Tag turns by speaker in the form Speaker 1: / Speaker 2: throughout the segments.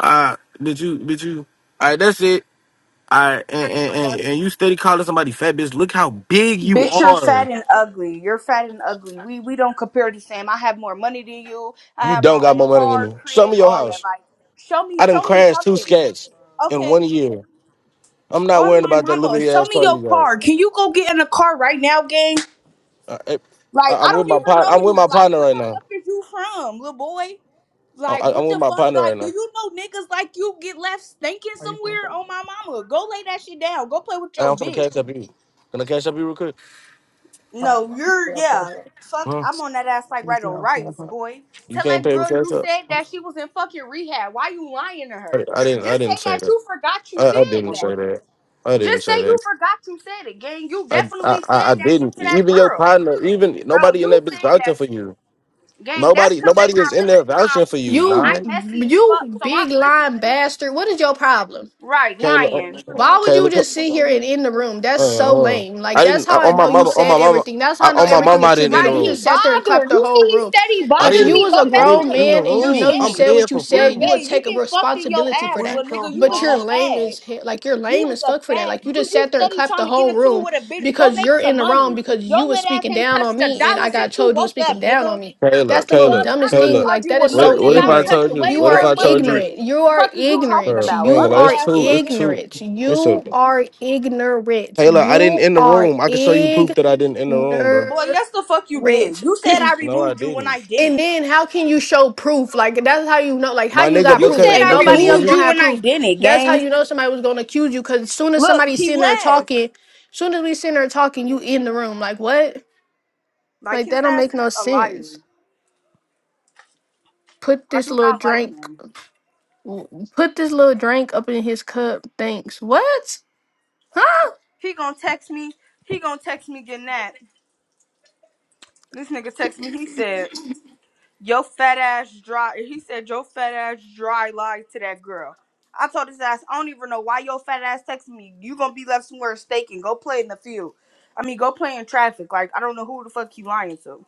Speaker 1: Ah, did you, Did you, all right, that's it. All right, and, and, and, and you steady calling somebody fat, bitch. Look how big you
Speaker 2: Bitch, you're
Speaker 1: are.
Speaker 2: fat and ugly. You're fat and ugly. We we don't compare the same. I have more money than you. I
Speaker 1: You
Speaker 2: have
Speaker 1: don't
Speaker 2: my
Speaker 1: got
Speaker 2: own
Speaker 1: more money than
Speaker 2: car,
Speaker 1: me. Show
Speaker 2: crib,
Speaker 1: me your
Speaker 2: all that.
Speaker 1: house.
Speaker 2: Like, show me,
Speaker 1: I done
Speaker 2: show me
Speaker 1: crashed two
Speaker 2: something.
Speaker 1: scats in
Speaker 2: Okay,
Speaker 1: one year. I'm not
Speaker 2: on
Speaker 1: worrying
Speaker 2: my
Speaker 1: about that
Speaker 2: mama,
Speaker 1: liberty
Speaker 2: show
Speaker 1: ass
Speaker 2: me
Speaker 1: car you
Speaker 2: your
Speaker 1: got.
Speaker 2: car. Can you go get in a car right now, gang?
Speaker 1: Uh, it-
Speaker 2: Like,
Speaker 1: I,
Speaker 2: I
Speaker 1: I'm with
Speaker 2: don't
Speaker 1: my
Speaker 2: even
Speaker 1: partner.
Speaker 2: know
Speaker 1: I'm with
Speaker 2: you.
Speaker 1: my
Speaker 2: Like,
Speaker 1: partner
Speaker 2: where
Speaker 1: right
Speaker 2: the
Speaker 1: now.
Speaker 2: fuck is you from, little boy?
Speaker 1: I,
Speaker 2: Like,
Speaker 1: I- I'm
Speaker 2: what
Speaker 1: with
Speaker 2: the
Speaker 1: my
Speaker 2: fuck?
Speaker 1: partner right
Speaker 2: Like, do
Speaker 1: now.
Speaker 2: you know niggas like you get left stinking somewhere? On my mama, go lay that shit down. Go play with
Speaker 1: And
Speaker 2: your
Speaker 1: I'm gonna
Speaker 2: bitch.
Speaker 1: cash up you. Gonna cash up you real quick.
Speaker 2: No, you're yeah. Fuck,
Speaker 1: Huh?
Speaker 2: I'm on that ass like right on rice, boy.
Speaker 1: You
Speaker 2: Tell
Speaker 1: can't
Speaker 2: that
Speaker 1: pay with
Speaker 2: girl
Speaker 1: cash
Speaker 2: you
Speaker 1: up.
Speaker 2: said that she was in fucking rehab. Why you lying to
Speaker 1: I,
Speaker 2: her?
Speaker 1: I didn't. I
Speaker 2: Just say
Speaker 1: didn't say
Speaker 2: that
Speaker 1: that.
Speaker 2: you forgot you
Speaker 1: I, I
Speaker 2: said
Speaker 1: didn't say
Speaker 2: that.
Speaker 1: that. I didn't
Speaker 2: Just say
Speaker 1: say that.
Speaker 2: you forgot you said it, gang. You
Speaker 1: I, I
Speaker 2: definitely
Speaker 1: I
Speaker 2: said
Speaker 1: I
Speaker 2: that
Speaker 1: didn't.
Speaker 2: shit to that
Speaker 1: Even your
Speaker 2: girl,
Speaker 1: partner, even
Speaker 2: bro.
Speaker 1: nobody in that
Speaker 2: You
Speaker 1: bitch
Speaker 2: said
Speaker 1: vouching
Speaker 2: that
Speaker 1: for
Speaker 2: shit,
Speaker 1: you.
Speaker 2: gang. That's
Speaker 1: Nobody
Speaker 2: cause they
Speaker 1: nobody is
Speaker 2: not
Speaker 1: in there
Speaker 2: listening. How
Speaker 1: vouching
Speaker 2: I'm
Speaker 1: for you.
Speaker 2: listening.
Speaker 1: Nah.
Speaker 3: You
Speaker 2: I'm messy as fuck,
Speaker 3: you
Speaker 2: so
Speaker 3: big
Speaker 2: I'm
Speaker 3: lying
Speaker 2: listening.
Speaker 3: bastard. What is your problem?
Speaker 2: Right,
Speaker 1: Kayla
Speaker 2: lying.
Speaker 1: uh,
Speaker 3: Why would
Speaker 1: Kayla
Speaker 3: you just
Speaker 1: co-
Speaker 3: sit here and in the room? That's
Speaker 1: uh,
Speaker 3: so
Speaker 1: hold on.
Speaker 3: lame. Like
Speaker 1: I
Speaker 3: that's
Speaker 1: didn't I,
Speaker 3: how I
Speaker 1: on my
Speaker 3: know you
Speaker 1: mama on my
Speaker 3: said
Speaker 1: mama
Speaker 3: everything. That's
Speaker 1: I,
Speaker 3: how I know
Speaker 1: on my
Speaker 3: everything
Speaker 1: mama
Speaker 3: is
Speaker 1: I
Speaker 3: true
Speaker 1: didn't in the
Speaker 3: because
Speaker 2: Right,
Speaker 3: you
Speaker 1: room.
Speaker 3: just
Speaker 2: he
Speaker 3: sat there and clapped
Speaker 2: bothered.
Speaker 3: the
Speaker 2: You see,
Speaker 3: whole
Speaker 2: he
Speaker 3: room.
Speaker 2: steady
Speaker 1: I
Speaker 3: If
Speaker 2: bothering
Speaker 3: you
Speaker 1: didn't
Speaker 2: me.
Speaker 3: was
Speaker 2: Go
Speaker 3: a
Speaker 1: I
Speaker 2: mess
Speaker 1: didn't
Speaker 3: grown
Speaker 2: with a
Speaker 1: in the
Speaker 3: man
Speaker 2: nigga.
Speaker 3: and you
Speaker 2: You're
Speaker 3: know
Speaker 1: room.
Speaker 3: you
Speaker 1: I'm
Speaker 2: gay.
Speaker 3: said
Speaker 1: paying
Speaker 3: what you
Speaker 1: for
Speaker 2: You're
Speaker 3: said, you
Speaker 1: food.
Speaker 3: would
Speaker 2: gay. You
Speaker 3: take a
Speaker 2: get fucked in your
Speaker 3: responsibility for
Speaker 2: ass,
Speaker 3: that.
Speaker 2: little nigga. You
Speaker 3: But
Speaker 2: is
Speaker 3: you're
Speaker 2: a
Speaker 3: lame
Speaker 2: fag.
Speaker 3: as he- like you're
Speaker 2: You
Speaker 3: lame
Speaker 2: is
Speaker 3: as
Speaker 2: a
Speaker 3: fuck for that.
Speaker 2: fag.
Speaker 3: Like you
Speaker 2: You
Speaker 3: just
Speaker 2: you
Speaker 3: sat there and
Speaker 2: steady
Speaker 3: clapped the
Speaker 2: trying to get
Speaker 3: whole
Speaker 2: into two
Speaker 3: room
Speaker 2: with a bitch. Go
Speaker 3: because
Speaker 2: make
Speaker 3: you're in
Speaker 2: some
Speaker 3: the wrong
Speaker 2: money.
Speaker 3: because
Speaker 2: Your
Speaker 3: you was
Speaker 2: little ass
Speaker 3: speaking
Speaker 2: ain't
Speaker 3: down
Speaker 2: touched
Speaker 3: on
Speaker 2: a
Speaker 3: me and I
Speaker 2: dollar
Speaker 3: got
Speaker 2: since you
Speaker 3: told you was
Speaker 2: woke up,
Speaker 3: speaking down on
Speaker 2: nigga.
Speaker 3: me.
Speaker 1: Kayla,
Speaker 3: That's the most
Speaker 1: Kayla,
Speaker 2: Fuck, I
Speaker 3: dumbest
Speaker 2: can't
Speaker 3: thing.
Speaker 1: Kayla.
Speaker 3: Like
Speaker 2: argue
Speaker 3: that
Speaker 2: with
Speaker 3: is
Speaker 1: What if-
Speaker 2: no
Speaker 3: so
Speaker 1: what
Speaker 2: nigga.
Speaker 1: if
Speaker 2: I'm
Speaker 1: I
Speaker 3: ignorant.
Speaker 1: told
Speaker 2: touching
Speaker 1: you
Speaker 2: way
Speaker 3: You
Speaker 1: what if
Speaker 3: are
Speaker 2: more
Speaker 1: I
Speaker 2: money
Speaker 1: told you
Speaker 3: ignorant.
Speaker 2: than.
Speaker 3: You are
Speaker 2: Fuck is you talking
Speaker 3: ignorant.
Speaker 1: bro, I
Speaker 2: about,
Speaker 1: ain't
Speaker 3: You
Speaker 1: gonna lie,
Speaker 2: bummy
Speaker 3: are
Speaker 1: it's
Speaker 2: ass
Speaker 1: two
Speaker 2: little
Speaker 1: it's two
Speaker 2: nigga?
Speaker 3: ignorant.
Speaker 1: it's a
Speaker 3: You are ignorant.
Speaker 1: Kayla, I didn't
Speaker 3: You
Speaker 1: in the
Speaker 3: are
Speaker 1: room. I can show you
Speaker 3: ignorant.
Speaker 1: proof that I didn't in the room, bro.
Speaker 2: Boy, yes the fuck you did. You said I
Speaker 1: No, I
Speaker 2: removed you when
Speaker 1: didn't.
Speaker 2: I
Speaker 3: And
Speaker 2: didn't.
Speaker 3: then how can you show proof? Like that's how you know. Like how
Speaker 1: My
Speaker 3: you
Speaker 1: nigga,
Speaker 3: got
Speaker 2: You
Speaker 3: proof?
Speaker 2: said
Speaker 1: because
Speaker 3: Ain't
Speaker 2: I
Speaker 1: because
Speaker 3: nobody
Speaker 1: when
Speaker 3: else
Speaker 1: you
Speaker 2: removed
Speaker 3: gonna
Speaker 2: you
Speaker 3: have
Speaker 2: when I
Speaker 3: proof.
Speaker 2: didn't,
Speaker 3: That's how
Speaker 2: gang.
Speaker 3: you know somebody was gonna accuse you. Cause as soon as
Speaker 2: Look,
Speaker 3: somebody's
Speaker 2: he
Speaker 3: sitting there
Speaker 2: left.
Speaker 3: talking, soon as we sitting there talking, you in the room. Like what?
Speaker 2: Like
Speaker 3: Like
Speaker 2: his
Speaker 3: that don't
Speaker 2: ass
Speaker 3: make
Speaker 2: is
Speaker 3: no
Speaker 2: a liar.
Speaker 3: sense. Put
Speaker 2: I
Speaker 3: this
Speaker 2: do
Speaker 3: little
Speaker 2: not like
Speaker 3: drink
Speaker 2: him.
Speaker 3: w- put this little drink up in his cup. Thanks. What? Huh?
Speaker 2: He gonna text me. He gonna text me getting that. This nigga text me. He said, "Yo fat ass dry." He said, "Yo fat ass dry lied to that girl." I told his ass, "I don't even know why your fat ass texted me. You gonna be left somewhere staking. Go play in the field. I mean, go play in traffic. Like I don't know who the fuck you lying to.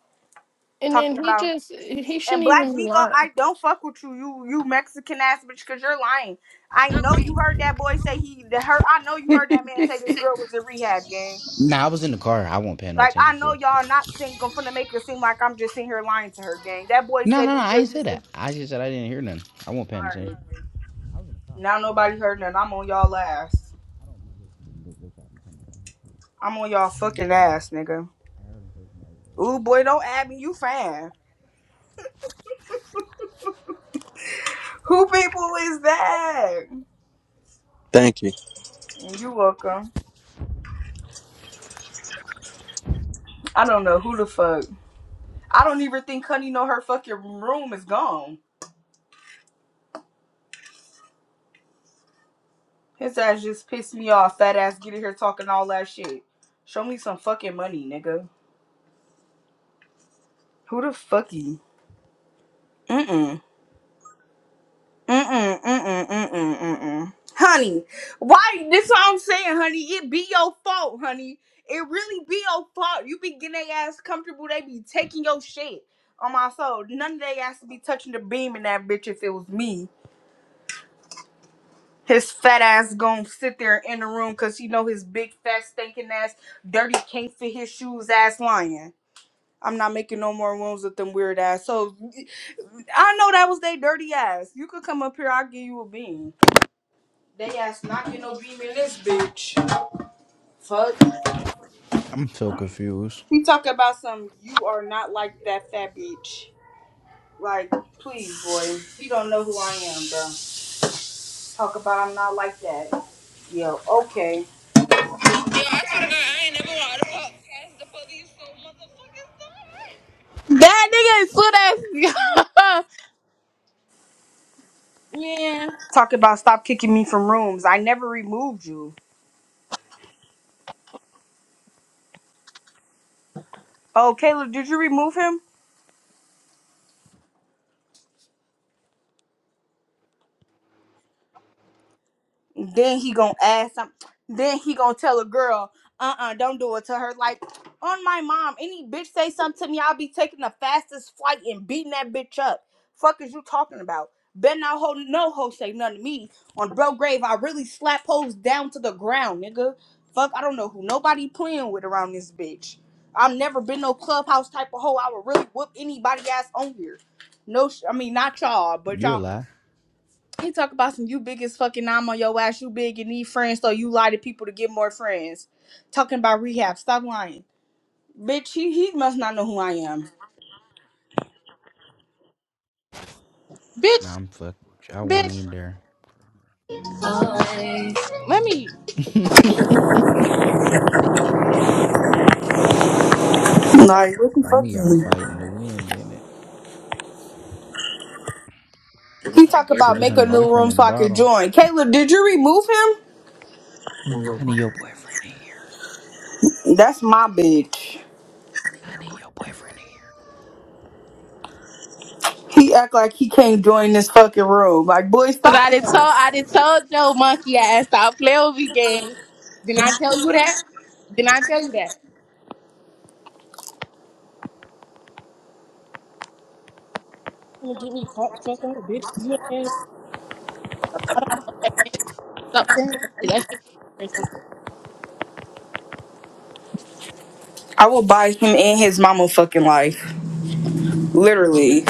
Speaker 3: And then
Speaker 2: Talking
Speaker 3: he
Speaker 2: about."
Speaker 3: just he
Speaker 2: And
Speaker 3: shouldn't
Speaker 2: Black
Speaker 3: even be
Speaker 2: Migo,
Speaker 3: lying.
Speaker 2: I don't fuck with you, you you Mexican ass bitch, cause you're lying. I know you heard that boy say he the her. I know you heard that man say this girl was in rehab, gang.
Speaker 4: Nah, I was in the car. I won't pay no
Speaker 2: Like
Speaker 4: attention
Speaker 2: I
Speaker 4: to
Speaker 2: know
Speaker 4: it.
Speaker 2: y'all not sing. I'm finna make it seem like I'm just sitting here lying to her, gang. That boy
Speaker 4: No,
Speaker 2: said
Speaker 4: no, no.
Speaker 2: this
Speaker 4: I
Speaker 2: girl
Speaker 4: ain't said
Speaker 2: just.
Speaker 4: that. I just said I didn't hear nothing. I won't pay no attention.
Speaker 2: Alright, now nobody heard nothing. I'm on y'all ass. I'm on y'all fucking ass, nigga. Ooh boy, don't add me. You fan? Who people is that?
Speaker 5: Thank you.
Speaker 2: You welcome. I don't know who the fuck. I don't even think Cunny know her fucking room is gone. His ass just pissed me off. Fat ass get in here talking all that shit. Show me some fucking money, nigga. Who the fuck you? Mm-mm. Mm-mm. Mm-mm. Mm-mm. Mm-mm. Honey, why this is what I'm saying, honey. It be your fault, honey. It really be your fault. You be getting they ass comfortable, they be taking your shit on my soul. None of they ass to be touching the beam in that bitch if it was me. His fat ass gonna sit there in the room cause he know his big fat stinking ass dirty can't fit his shoes ass lying. I'm not making no more rooms with them weird ass. So I know that was they dirty ass. You could come up here, I'll give you a bean. They ass not getting no beam in this bitch. Fuck.
Speaker 4: I'm so confused.
Speaker 2: He talk about some you are not like that fat bitch. Like, please, boy. You don't know who I am, bro. Talk about I'm not like that. Yo, okay.
Speaker 4: Yo, I swear to God, I ain't never want to call the police so mother.
Speaker 6: That nigga is so that man,
Speaker 2: Talk about stop kicking me from rooms. I never removed you. Oh, Caleb, did you remove him? Then he gonna ask some. Then he gonna tell a girl, uh, uh-uh, uh, do not do it to her. Like on my mom, any bitch say something to me, I'll be taking the fastest flight and beating that bitch up. Fuck is you talking about? Bet not ho no ho say nothing to me. On bro grave, I really slap hoes down to the ground, nigga. Fuck, I don't know who nobody playing with around this bitch. I've never been no clubhouse type of hoe. I would really whoop anybody ass on here. No, sh- I mean not y'all, but
Speaker 4: You a
Speaker 2: y'all.
Speaker 4: lie.
Speaker 2: He talk about some you big as fucking I'm on your ass, you big and need friends, so you lie to people to get more friends. Talking about rehab, stop lying. Bitch, he, he must not know who I am.
Speaker 4: Nah,
Speaker 6: bitch,
Speaker 4: I'm fucked. I won't
Speaker 6: bitch.
Speaker 4: either.
Speaker 6: Let me.
Speaker 2: Like, what the
Speaker 4: One
Speaker 2: fuck?
Speaker 4: of y'all
Speaker 2: is-
Speaker 4: fighting to win, didn't it?
Speaker 2: He He talk
Speaker 4: There
Speaker 2: about
Speaker 4: go
Speaker 2: make
Speaker 4: honey
Speaker 2: a new
Speaker 4: boyfriend
Speaker 2: room
Speaker 4: at the
Speaker 2: so I can
Speaker 4: bottom.
Speaker 2: join. Caleb, did you remove him?
Speaker 4: Honey, your boyfriend in here.
Speaker 2: That's my bitch.
Speaker 4: Honey, your boyfriend in here.
Speaker 2: He act like he can't join this fucking room. Like, boy,
Speaker 6: Cause
Speaker 2: stop.
Speaker 6: I did told I did told Joe Monkey ass stop playing with me game. Didn't I tell you that? Didn't I tell you that? Gonna get me caught the fuck up, bitch. You ain't stop saying that shit. That shit
Speaker 2: I will buy him and his mama fucking life. Literally.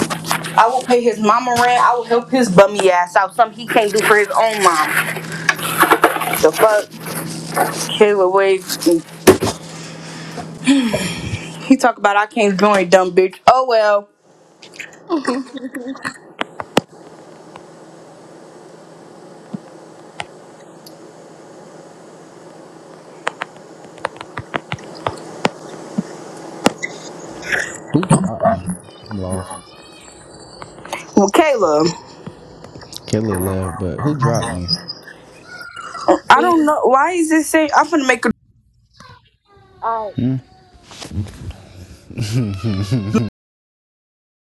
Speaker 2: I will pay his mama rent. I will help his bummy ass out. Something he can't do for his own mom. The fuck? Kayla Wade, he talk about I can't join, dumb bitch. Oh well.
Speaker 6: is
Speaker 4: Who dropped me? I'm lost.
Speaker 2: Well, Kayla,
Speaker 4: Kelly left, but who dropped me?
Speaker 2: I
Speaker 6: embarrassing.
Speaker 2: don't know why is this saying. I'm finna make a
Speaker 6: Alright.